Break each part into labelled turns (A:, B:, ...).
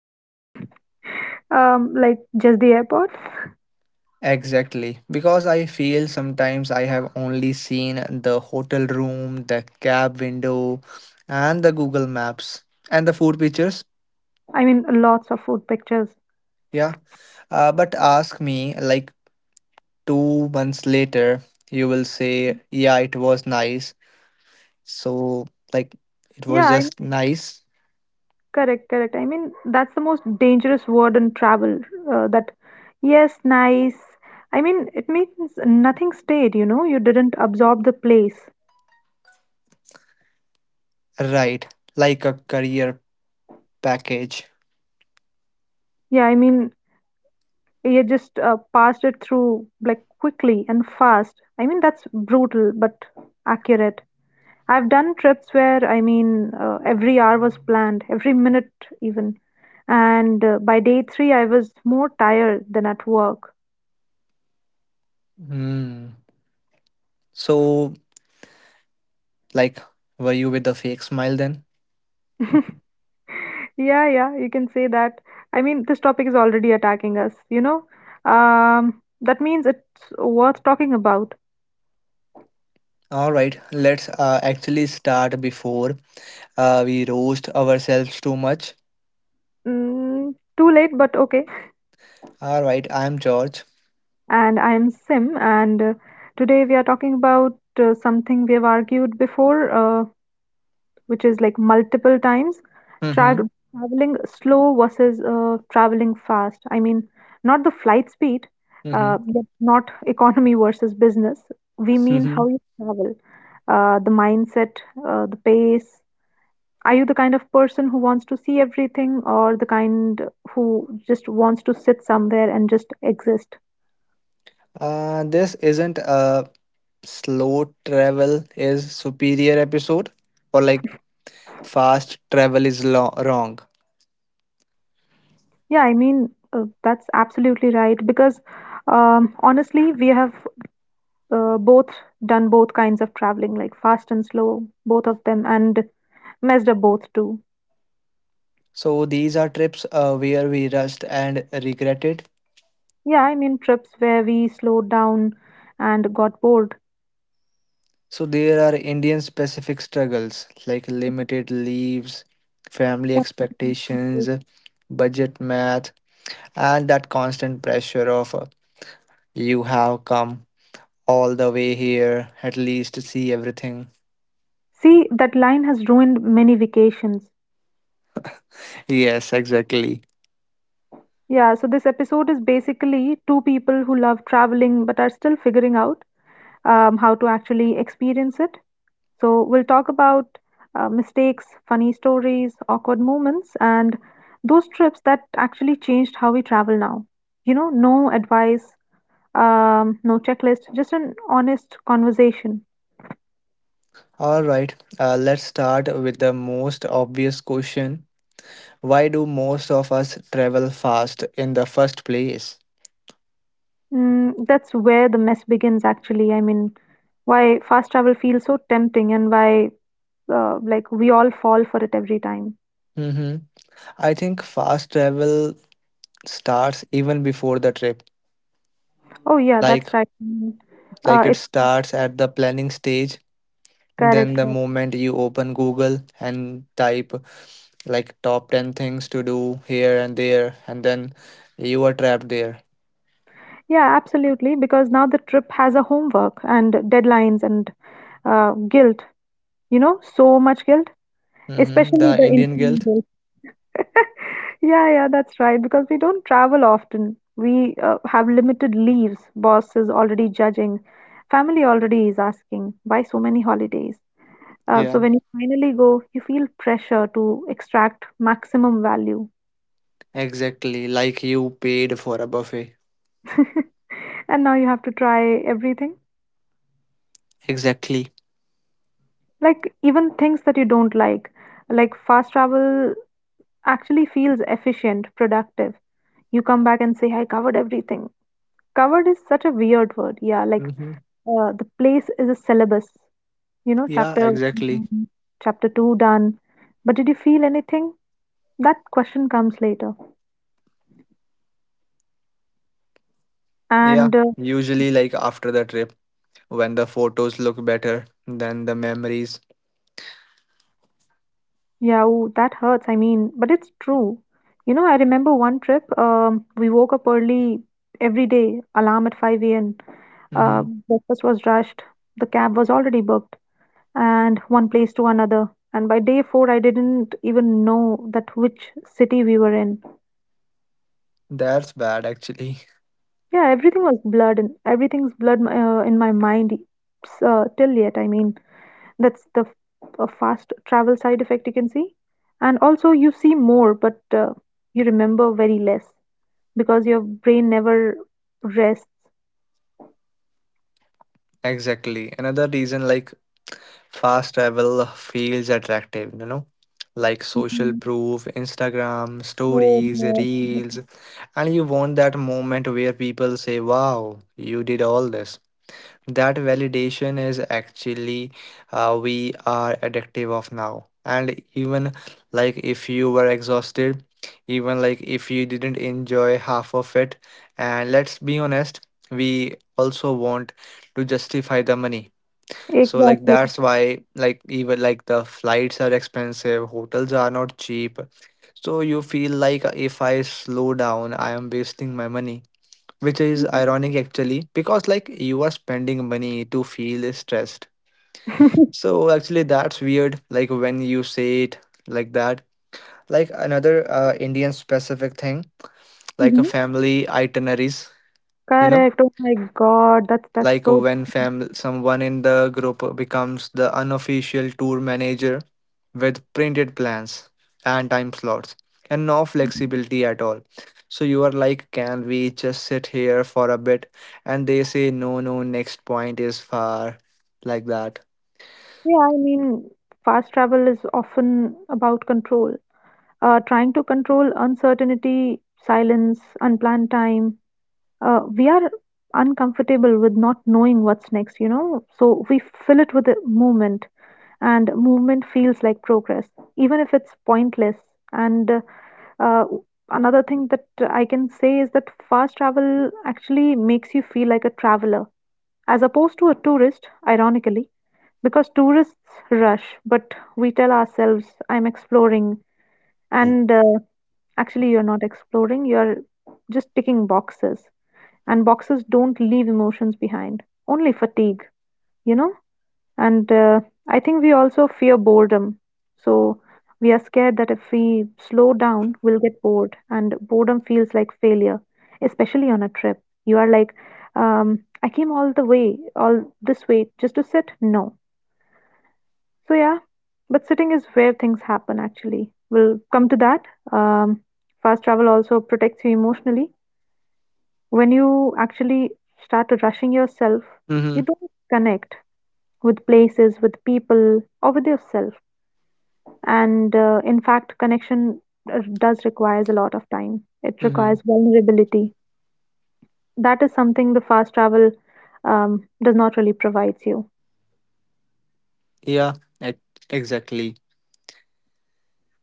A: Like just the airport?
B: Exactly, because I feel sometimes I have only seen the hotel room, the cab window, and the Google Maps and the food pictures.
A: I mean, lots of food pictures.
B: Yeah, but ask me like 2 months later, you will say, yeah, it was nice. So, like, it
A: Yeah,
B: was
A: I'm
B: just nice,
A: correct, I mean, that's the most dangerous word in travel. That yes, nice. I mean, it means nothing stayed, you know, you didn't absorb the place.
B: right? Like a career package.
A: Yeah, I mean, you just passed it through like quickly and fast. I mean, that's brutal but accurate. I've done trips where, I mean, every hour was planned, every minute even. And by day three, I was more tired than at work.
B: Hmm. So, like, were you with a fake smile then?
A: Yeah, yeah, you can say that. I mean, this topic is already attacking us, you know? That means it's worth talking about.
B: All right, let's actually start before we roast ourselves too much.
A: Mm, too late, but okay.
B: All right, I'm George.
A: And I am Sim, and today we are talking about something we have argued before. Which is like multiple times tra
B: Mm-hmm.
A: traveling slow versus traveling fast. I mean, not the flight speed,
B: Mm-hmm.
A: yet not economy versus business. We mean how
B: Mm-hmm.
A: you travel, the mindset, the pace. Are you the kind of person who wants to see everything, or the kind who just wants to sit somewhere and just exist?
B: This isn't a slow travel is superior episode, or like fast travel is wrong.
A: Yeah, I mean, that's absolutely right because honestly, we have both done both kinds of traveling like fast and slow, both of them, and messed up both too.
B: So these are trips where we rushed and regretted.
A: Yeah, I mean, trips where we slowed down and got bored.
B: So there are Indian specific struggles like limited leaves, family expectations, budget math, and that constant pressure of you have come all the way here at least to see everything.
A: See, that line has ruined many vacations.
B: Yes, exactly.
A: Yeah, so this episode is basically two people who love traveling but are still figuring out how to actually experience it. So, we'll talk about mistakes, funny stories, awkward moments, and those trips that actually changed how we travel now. You know, no advice, no checklist, just an honest conversation.
B: All right, let's start with the most obvious question. Why do most of us travel fast in the first place?
A: Mm, that's where the mess begins, actually. I mean, why fast travel feels so tempting and why, like, we all fall for it every time.
B: Hmm. I think fast travel starts even before the trip.
A: Oh, yeah, that's
B: Like
A: right. Mm, Uh,
B: Like it
A: it's
B: starts at the planning stage. Then
A: correct.
B: the moment you open Google and type like top 10 things to do here and there, and then you are trapped there.
A: Yeah, absolutely. Because now the trip has a homework and deadlines and guilt, you know, so much guilt,
B: Hmm.
A: especially
B: The
A: the
B: Indian
A: Indian
B: guilt.
A: guilt. Yeah, yeah, that's right. Because we don't travel often. We have limited leaves. Boss is already judging. Family already is asking, why so many holidays? Uh,
B: Yeah,
A: so when you finally go, you feel pressure to extract maximum value.
B: exactly. Like you paid for a buffet.
A: And now you have to try everything.
B: Exactly.
A: Like even things that you don't like fast travel actually feels efficient, productive. You come back and say, I covered everything. Covered is such a weird word. Yeah, like
B: Mm-hmm.
A: the place is a syllabus, you know,
B: Yeah,
A: chapter one
B: exactly.
A: done, chapter two done. But did you feel anything? That question comes later.
B: Yeah,
A: And
B: usually like after the trip when the photos look better than the memories.
A: yeah, ooh, that hurts. I mean, but it's true. You know, I remember one trip, we woke up early every day, alarm at 5 a.m.
B: Mm-hmm.
A: Breakfast was rushed, the cab was already booked, and one place to another. And by day four, I didn't even know that which city we were in.
B: That's bad actually.
A: Yeah, everything was blurred, and everything's blurred in my mind till yet. I mean, That's the f- a fast travel side effect you can see. And also, you see more, but you remember very less because your brain never rests.
B: Exactly. Another reason like fast travel feels attractive, you know, like social
A: Mhm.
B: proof, Instagram,
A: Oh,
B: stories,
A: yes,
B: reels,
A: yes,
B: and you want that moment where people say, wow, you did all this. That validation is actually we are addictive of now, and even like if you were exhausted, even like if you didn't enjoy half of it, and let's be honest, we also want to justify the money. So like
A: exactly.
B: that's why, like, even like the flights are expensive, hotels are not cheap, so you feel like if I slow down I am wasting my money, which is ironic actually because like you are spending money to feel stressed. So actually that's weird like when you say it like that. Like another Indian specific thing, like
A: Hmm.
B: a family itineraries, you know,
A: Correct. Oh my God, that's
B: like
A: so.
B: when someone in the group becomes the unofficial tour manager with printed plans and time slots and no flexibility at all. So you are like, can we just sit here for a bit? And they say, no, no, next point is far, like that.
A: Yeah, I mean, fast travel is often about control. Trying to control uncertainty, silence, unplanned time, we are uncomfortable with not knowing what's next, you know. So we fill it with a movement, and movement feels like progress, even if it's pointless. And uh, another thing that I can say is that fast travel actually makes you feel like a traveler, as opposed to a tourist, ironically, because tourists rush, but we tell ourselves, I'm exploring, and actually, you're not exploring, you're just ticking boxes, and boxes don't leave emotions behind, only fatigue, you know. And uh, i think we also fear boredom, so we are scared that if we slow down we'll get bored, and boredom feels like failure, especially on a trip. You are like, I came all this way just to sit, no. So yeah, but sitting is where things happen, actually. We'll come to that. um, Fast travel also protects you emotionally. When you actually start rushing yourself,
B: Mm-hmm,
A: you don't connect with places, with people, or with yourself. And in fact, connection does requires a lot of time. It
B: mm-hmm.
A: requires vulnerability. That is something the fast travel does not really provides you.
B: Yeah, exactly.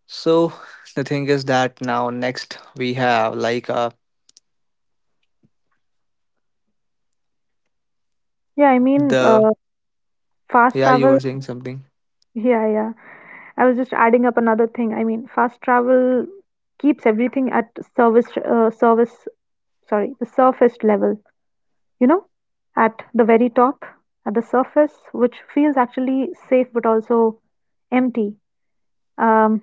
B: So the thing is that now next we have like
A: Yeah, I mean,
B: the,
A: fast
B: yeah, you
A: travel.
B: were saying something.
A: Yeah, yeah. I was just adding up another thing. I mean, fast travel keeps everything at service service sorry the surface level, you know, at the very top, at the surface, which feels actually safe but also empty. Um,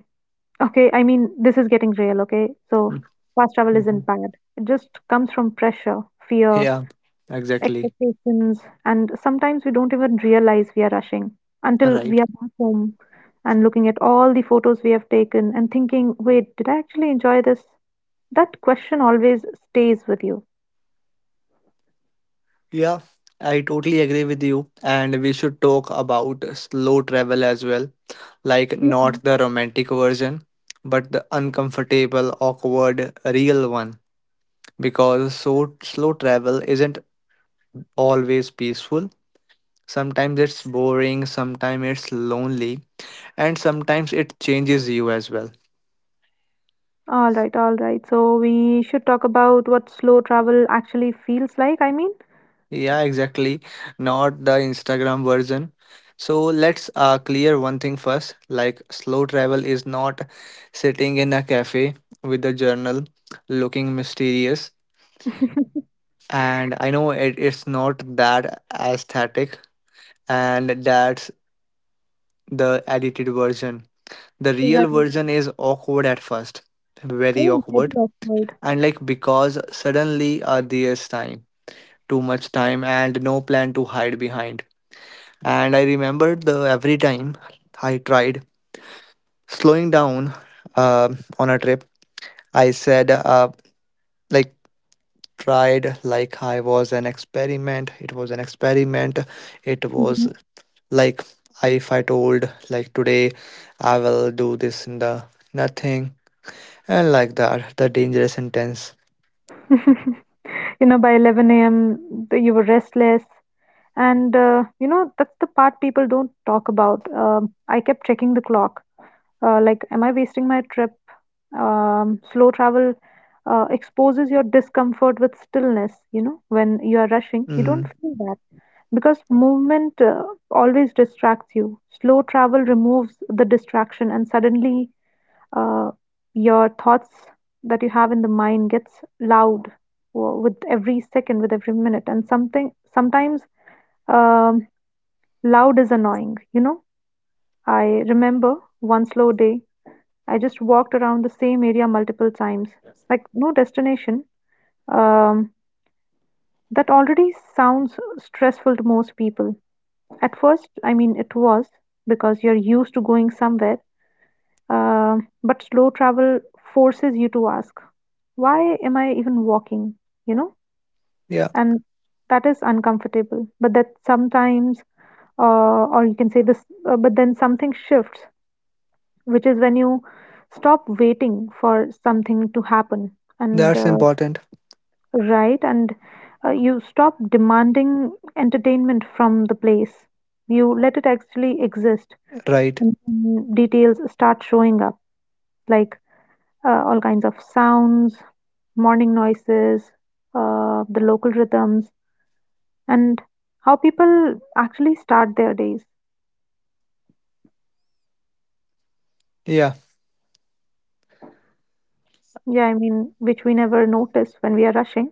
A: okay, I mean, this is getting real, okay? So, fast travel
B: Mm-hmm.
A: isn't bad. It just comes from pressure, fear,
B: Yeah, exactly.
A: expectations, and sometimes we don't even realize we are rushing until we
B: Right.
A: are back home and looking at all the photos we have taken and thinking, wait, did I actually enjoy this? That question always stays with you.
B: Yeah, I totally agree with you. And we should talk about slow travel as well. Like, not the romantic version, but the uncomfortable, awkward, real one. Because so slow travel isn't always peaceful. Sometimes it's boring, sometimes it's lonely, and sometimes it changes you as well.
A: All right, all right. So we should talk about what slow travel actually feels like, I mean.
B: Yeah, exactly. Not the Instagram version. So let's clear one thing first. Like, slow travel is not sitting in a cafe with a journal looking mysterious. And I know it, it's not that aesthetic, and that's the edited version. The real
A: Right.
B: version is awkward at first, very
A: I'm very
B: awkward.
A: awkward.
B: And like, because suddenly there's time, too much time, and no plan to hide behind. And I remember the every time I tried slowing down on a trip, I said, like, tried like I was an experiment. It was an experiment. It was
A: Mhm.
B: like I, if I told, like, today I will do this in the nothing, and like that, the dangerous sentence.
A: You know, by 11 a.m., you were restless. And, you know, that's the part people don't talk about. I kept checking the clock. Like, am I wasting my trip? Slow travel exposes your discomfort with stillness, you know, when you are rushing. You don't
B: Mm-hmm.
A: feel that. Because movement always distracts you, slow travel removes the distraction, and suddenly uh, your thoughts that you have in the mind gets loud with every second, with every minute. And something sometimes, um, loud is annoying. You know, I remember one slow day, I just walked around the same area multiple times, like no destination. Um, that already sounds stressful to most people. At first, I mean, it was because you're used to going somewhere, uh, but slow travel forces you to ask, why am I even walking? You know,
B: Yeah,
A: and that is uncomfortable. But that sometimes, or you can say this, but then something shifts, which is when you stop waiting for something to happen, and
B: that's important,
A: right, and you stop demanding entertainment from the place. You let it actually exist.
B: right?
A: And then details start showing up, like all kinds of sounds, morning noises, the local rhythms, and how people actually start their days.
B: Yeah,
A: Yeah, I mean, which we never notice when we are rushing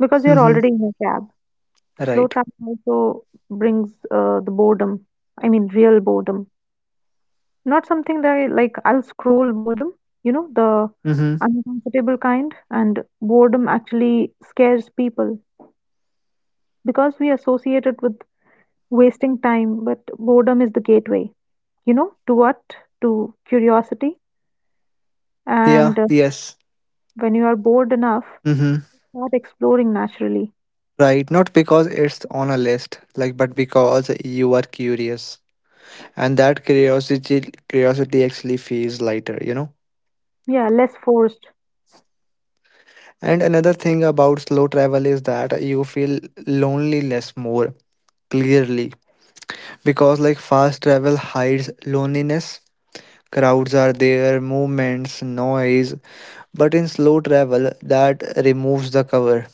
A: because you are
B: mm-hmm.
A: already in a cab. Slow
B: Right.
A: traffic also brings the boredom. I mean, real boredom. Not something that I'll scroll boredom, you know, the
B: Mm-hmm.
A: uncomfortable kind, and boredom actually scares people. Because we associate it with wasting time, but boredom is the gateway. You know, to what? To curiosity.
B: Yeah,
A: And
B: yes.
A: when you are bored enough,
B: Mm-hmm.
A: start exploring naturally.
B: Right, not because it's on a list, like but because you are curious. And that curiosity actually feels lighter, you know?
A: Yeah, less forced.
B: And another thing about slow travel is that you feel loneliness more clearly, because like fast travel hides loneliness. Crowds are there, movements, noise, but in slow travel that removes the cover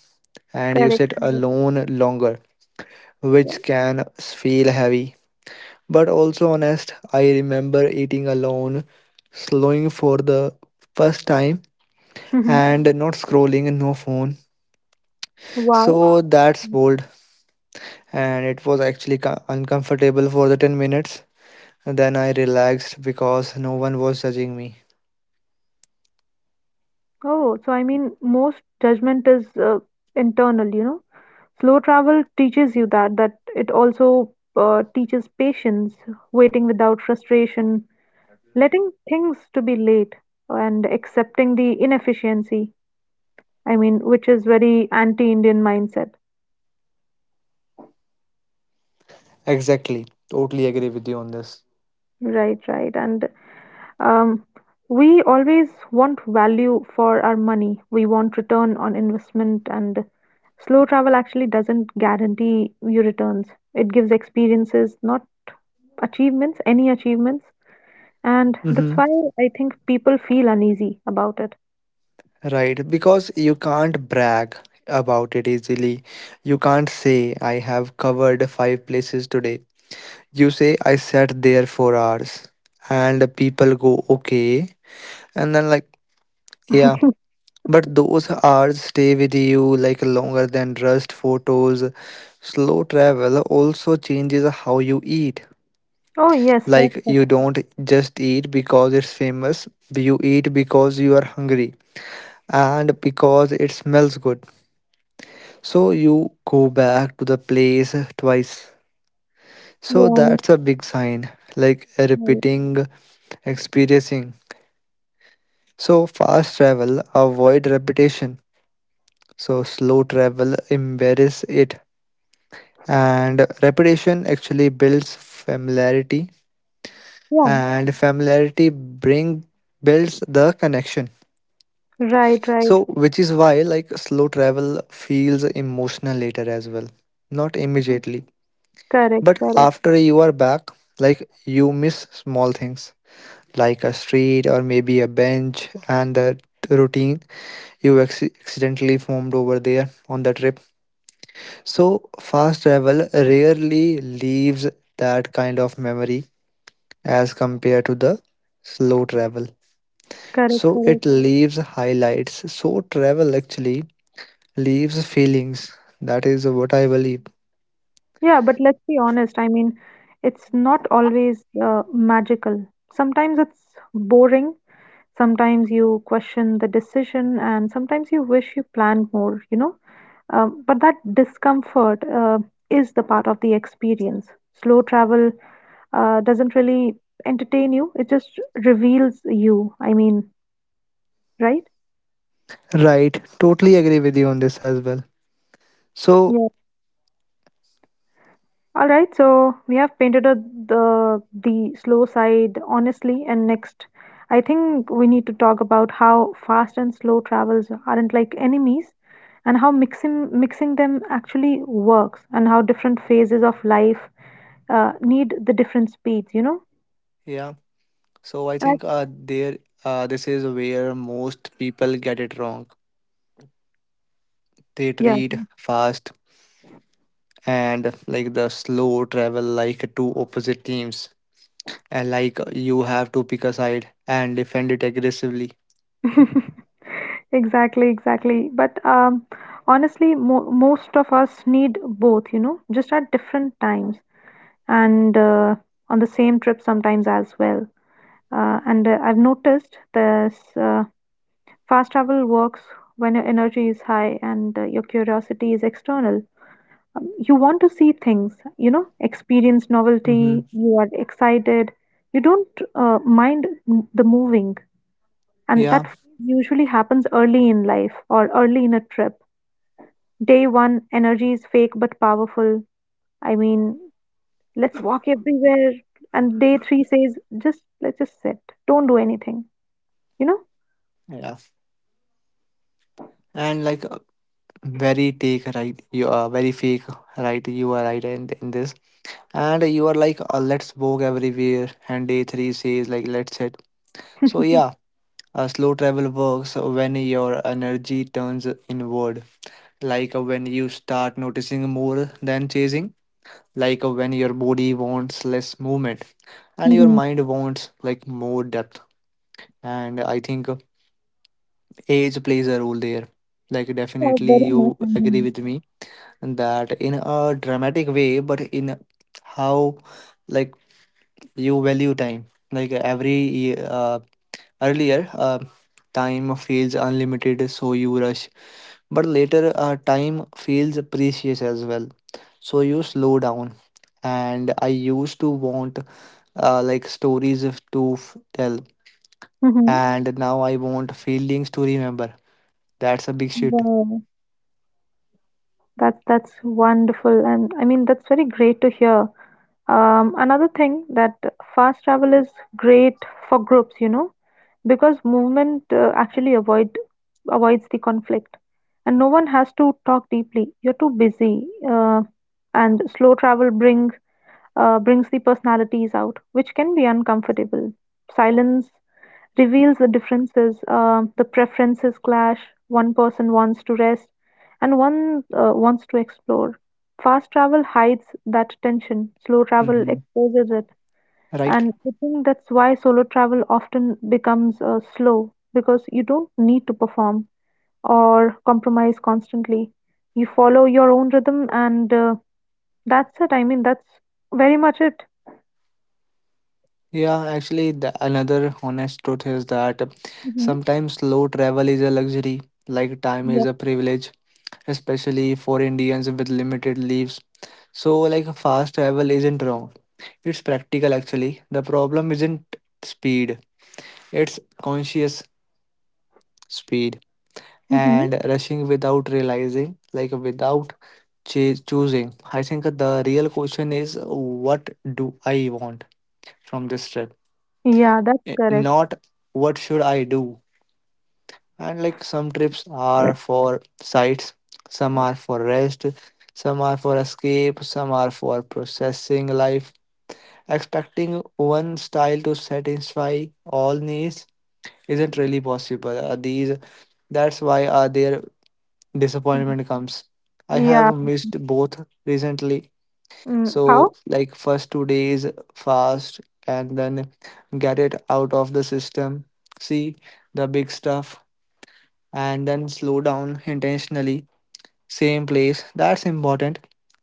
B: and you
A: Correct.
B: sit
A: Correct.
B: alone longer,
A: Yeah.
B: which can feel heavy. But also honest. I remember eating alone, slowing for the first time,
A: Mhm.
B: and not scrolling, no phone.
A: Wow.
B: So that's bold, and it was actually uncomfortable for the 10 minutes. Then I relaxed because no one was judging me.
A: Oh, so I mean, most judgment is internal, you know. Slow travel teaches you that, that it also teaches patience, waiting without frustration, letting things to be late, and accepting the inefficiency. I mean, which is very anti-indian mindset.
B: Exactly. Totally agree with you on this.
A: Right, right, and um, we always want value for our money, we want return on investment, and slow travel actually doesn't guarantee you returns. It gives experiences, not achievements, any achievements, and that's
B: Mm-hmm.
A: why I think people feel uneasy about it.
B: Right, because you can't brag about it easily. You can't say, I have covered five places today. You say I sat there for hours, and the people go okay, and then like, yeah, but those hours stay with you like longer than rust photos. Slow travel also changes how you eat.
A: Oh yes, that's
B: Like
A: right.
B: you don't just eat because it's famous, you eat because you are hungry and because it smells good. So you go back to the place twice.
A: yeah
B: So that's
A: I
B: a big sign, like
A: mean, I-
B: repeating, experiencing. So fast travel avoid repetition. So slow travel embarrass it. And repetition actually builds familiarity, and familiarity bring builds the connection.
A: yeah, right, right.
B: So which is why like slow travel feels emotional later as well. Not immediately.
A: Correct,
B: But
A: correct,
B: after you are back, like you miss small things like a street or maybe a bench and the routine you accidentally formed over there on the trip. So, fast travel rarely leaves that kind of memory as compared to the slow travel.
A: correct,
B: So,
A: correct.
B: it leaves highlights. So, travel actually leaves feelings. That is what I believe.
A: Yeah, but let's be honest. I mean, it's not always magical. Sometimes it's boring. Sometimes you question the decision, and sometimes you wish you planned more, you know. But that discomfort is the part of the experience. Slow travel doesn't really entertain you, it just reveals you. I mean, right?
B: Right. Totally agree with you on this as well. So,
A: All right, so we have painted a, the slow side honestly, and next, I think we need to talk about how fast and slow travels aren't like enemies, and how mixing them actually works, and how different phases of life need the different speeds. You know,
B: yeah. So, I
A: and I,
B: think there, this is where most people get it wrong. They
A: yeah,
B: treat fast and like the slow travel like two opposite teams, and like you have to pick a side and defend it aggressively.
A: exactly, exactly. But honestly, most of us need both. You know, just at different times, and on the same trip sometimes as well. And I've noticed this. Fast travel works when your energy is high and your curiosity is external. You want to see things, you know, experience novelty,
B: Mm-hmm.
A: you are excited, you don't mind the moving. And
B: Yeah,
A: that usually happens early in life or early in a trip. Day one, energy is fake but powerful. I mean, let's walk everywhere. And day three says, just let's just sit, don't do anything. You know
B: yeah, and like very take right. You are very fake right. You are right in this, and you are like let's walk everywhere. And day three says like let's hit. So yeah, slow travel works when your energy turns inward. Like when you start noticing more than chasing. Like when your body wants less movement, and your
A: Mhm.
B: mind wants like more depth. And I think age plays a role there. Like,
A: Yeah,
B: definitely,
A: very much.
B: you agree with me that in a dramatic way, but in how like you value time. Like every earlier, time feels unlimited, so you rush, but later, time feels precious as well, so you slow down. And I used to want like stories if to f- tell,
A: Mm-hmm.
B: and now I want feelings to remember. That's a big shit.
A: Wow. That's wonderful, and I mean that's very great to hear. Another thing that fast travel is great for groups, you know. Because movement actually avoid avoids the conflict and no one has to talk deeply, you're too busy, uh, and slow travel bring brings the personalities out, which can be uncomfortable. Silence reveals the differences, the preferences clash. One person wants to rest and one wants to explore. Fast travel hides that tension, slow travel
B: Hmm.
A: exposes it.
B: Right?
A: And I think that's why solo travel often becomes slow, because you don't need to perform or compromise constantly. You follow your own rhythm, and that's it. I mean, that's very much it.
B: Yeah, actually, the, another honest truth is that
A: Hmm.
B: sometimes slow travel is a luxury, like time is
A: Yeah.
B: a privilege, especially for Indians with limited leaves. So, like, fast travel isn't wrong. It's practical, actually. The problem isn't speed, it's conscious speed,
A: Hmm.
B: and rushing without realizing, like, without choosing. I think the real question is what do I want from this trip?
A: Yeah, that's
B: Eh,
A: correct.
B: not what should I do. And like some trips are for sights, some are for rest, some are for escape, some are for processing life. Expecting one style to satisfy all needs isn't really possible. These, that's why their disappointment comes. I have
A: Yeah.
B: missed both recently.
A: Mm,
B: So,
A: how?
B: like, first 2 days fast, and then get it out of the system. See the big stuff, and then slow down intentionally. Same place. That's important.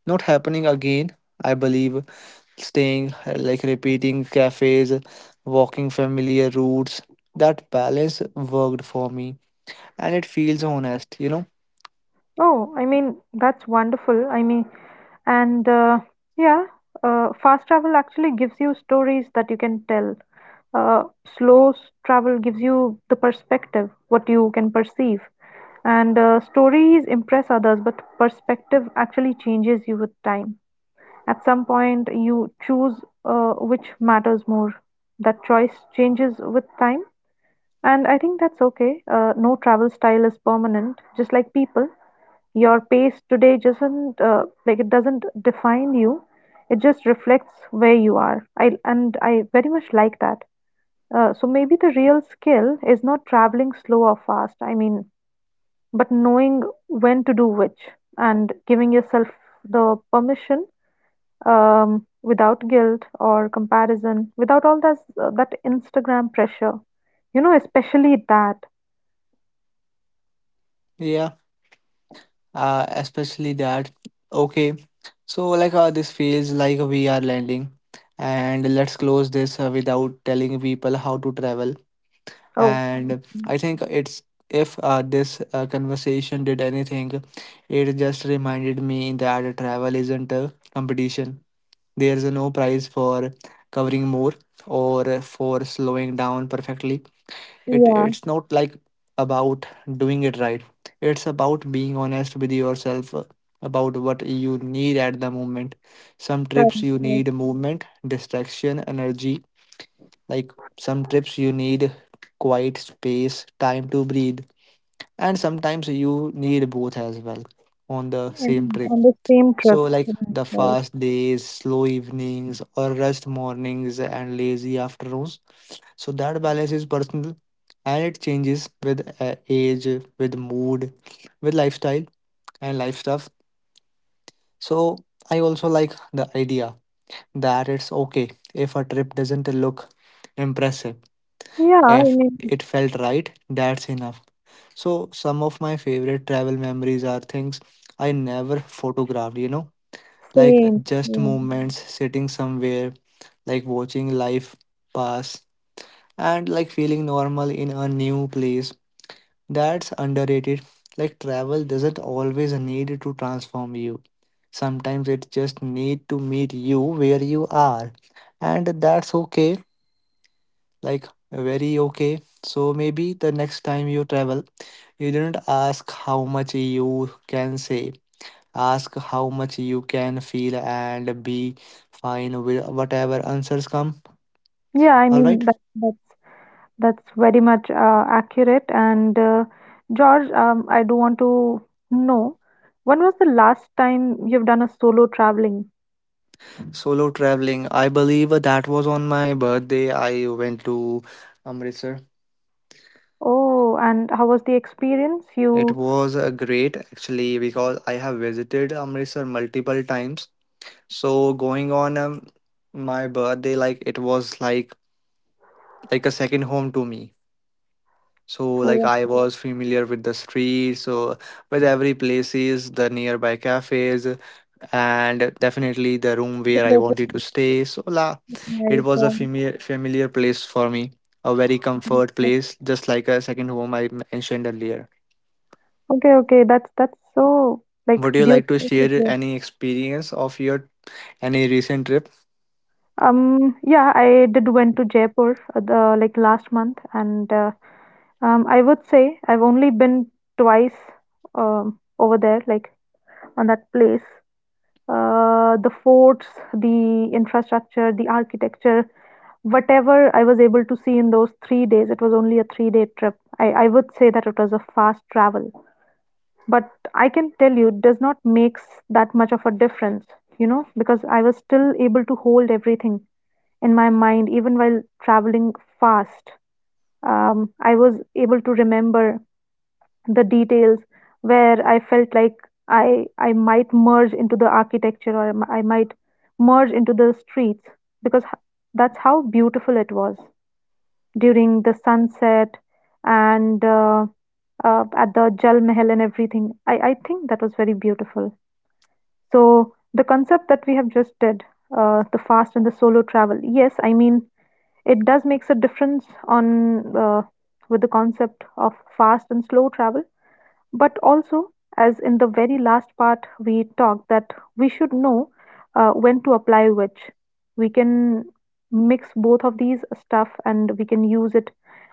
B: Not happening again, I believe. Staying, like, repeating cafes, walking familiar routes. That balance worked for me, and it feels honest, you know?
A: Oh, I mean, that's wonderful. And yeah, fast travel actually gives you stories that you can tell. Uh, slow s- travel gives you the perspective, what you can perceive. And stories impress others, but perspective actually changes you with time. At some point, you choose which matters more. That choice changes with time. And I think that's okay. No travel style is permanent, just like people. Your pace today doesn't define you. It just reflects where you are. I very much like that. So maybe the real skill is not traveling slow or fast. I mean, but knowing when to do which and giving yourself the permission, without guilt or comparison, without all that that Instagram pressure. You know, especially that.
B: Yeah. Especially that. Okay, so like this feels like we are landing, and let's close this without telling people how to travel.
A: Oh,
B: And I think it's, if this conversation did anything, it just reminded me that travel isn't a competition. There's no prize for covering more or for slowing down perfectly. It,
A: yeah,
B: it's not like about doing it right. It's about being honest with yourself about what you need at the moment. Some trips
A: correct,
B: you
A: correct.
B: need movement, distraction, energy, like some trips you need quiet, space, time to breathe, and sometimes you need both as well on the
A: I
B: same
A: mean,
B: trip.
A: on the same trip.
B: So like
A: Right,
B: the
A: right.
B: fast days, slow evenings, or rest mornings and lazy afternoons. So that balance is personal, and it changes with age, with mood, with lifestyle and life stuff. So I also like the idea that it's okay if a trip doesn't look impressive.
A: Yeah, I
B: If
A: mean,
B: it felt right, that's enough. So some of my favorite travel memories are things I never photographed, you know, like
A: same,
B: just
A: same.
B: moments sitting somewhere, like watching life pass and like feeling normal in a new place. That's underrated. Like travel doesn't always need to transform you. Sometimes it just need to meet you where you are. And that's okay. Like very okay. So maybe the next time you travel, you don't ask how much you can say. Ask how much you can feel, and be fine with whatever answers come.
A: Yeah, I
B: All right.
A: mean that's very much accurate. And George, I do want to know, when was the last time you've done a solo traveling?
B: Solo traveling. I believe that was on my birthday. I went to Amritsar.
A: Oh, and how was the experience?
B: It
A: You
B: was great actually because I have visited Amritsar multiple times. So going on my birthday, like it was like a second home to me. So like
A: were
B: I was familiar with the streets, so with every places, the nearby cafes, and definitely the room
A: the
B: where I
A: local,
B: wanted to stay. It
A: right?
B: was a familiar place for me, a very comfort place, just like a second home I mentioned earlier.
A: Okay, okay, that's so like
B: Would you like to
A: beautiful to
B: share
A: hear.
B: any experience of your any recent trip?
A: Yeah, I did went to Jaipur the like last month, and I would say I've only been twice over there, like on that place. The forts, the infrastructure, the architecture, whatever I was able to see in those 3 days, it was only a three-day trip. I would say that it was a fast travel, but I can tell you, it does not that much of a difference, you know, because I was still able to hold everything in my mind, even while traveling fast. I was able to remember the details, where I felt like I might merge into the architecture, or I might merge into the streets because that's how beautiful it was during the sunset and at the Jal Mahal and everything. I think that was very beautiful. So the concept that we have just did, the fast and the solo travel. Yes, I mean it does makes a difference on with the concept of fast and slow travel, but also, as in the very last part we talked, that we should know when to apply which. We can mix both of these stuff and we can use it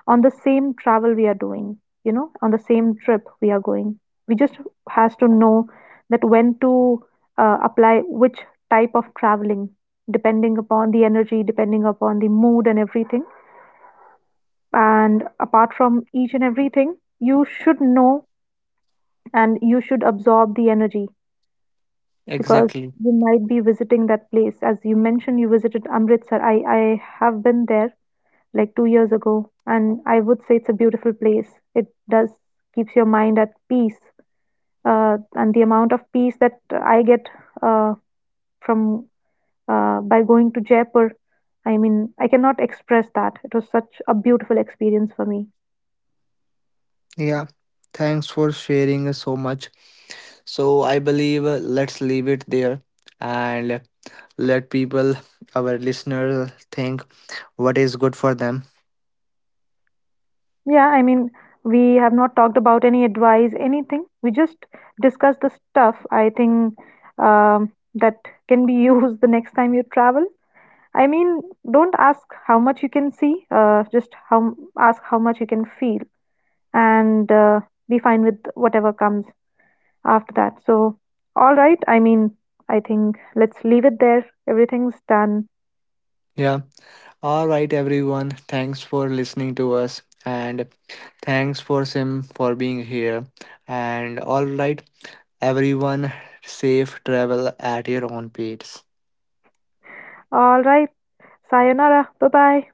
A: on the same travel we are doing, you know, on the same trip we are going. We just has to know that when to apply which type of traveling, depending upon the energy, depending upon the mood and everything. And apart from each and everything, you should know and you should absorb the energy, because
B: Exactly.
A: you might be visiting that place. As you mentioned, you visited Amritsar. I have been there like 2 years ago, and I would say it's a beautiful place. It does keeps your mind at peace, and the amount of peace that I get uh, from by going to Jaipur, I mean, I cannot express that. It was such a beautiful experience for me.
B: Yeah. Thanks for sharing so much. So I believe let's leave it there and let people, our listeners, think what is good for them.
A: Yeah, I mean, we have not talked about any advice, anything. We just discussed the stuff, I think, that can be used the next time you travel. I mean, don't ask how much you can see, just how ask how much you can feel, and be fine with whatever comes after that. So, all right. I mean, I think let's leave it there. Everything's done.
B: Yeah. All right, everyone. Thanks for listening to us, and thanks for Sim for being here. And all right, everyone, safe travel at your own pace.
A: All right. Sayonara. Bye bye.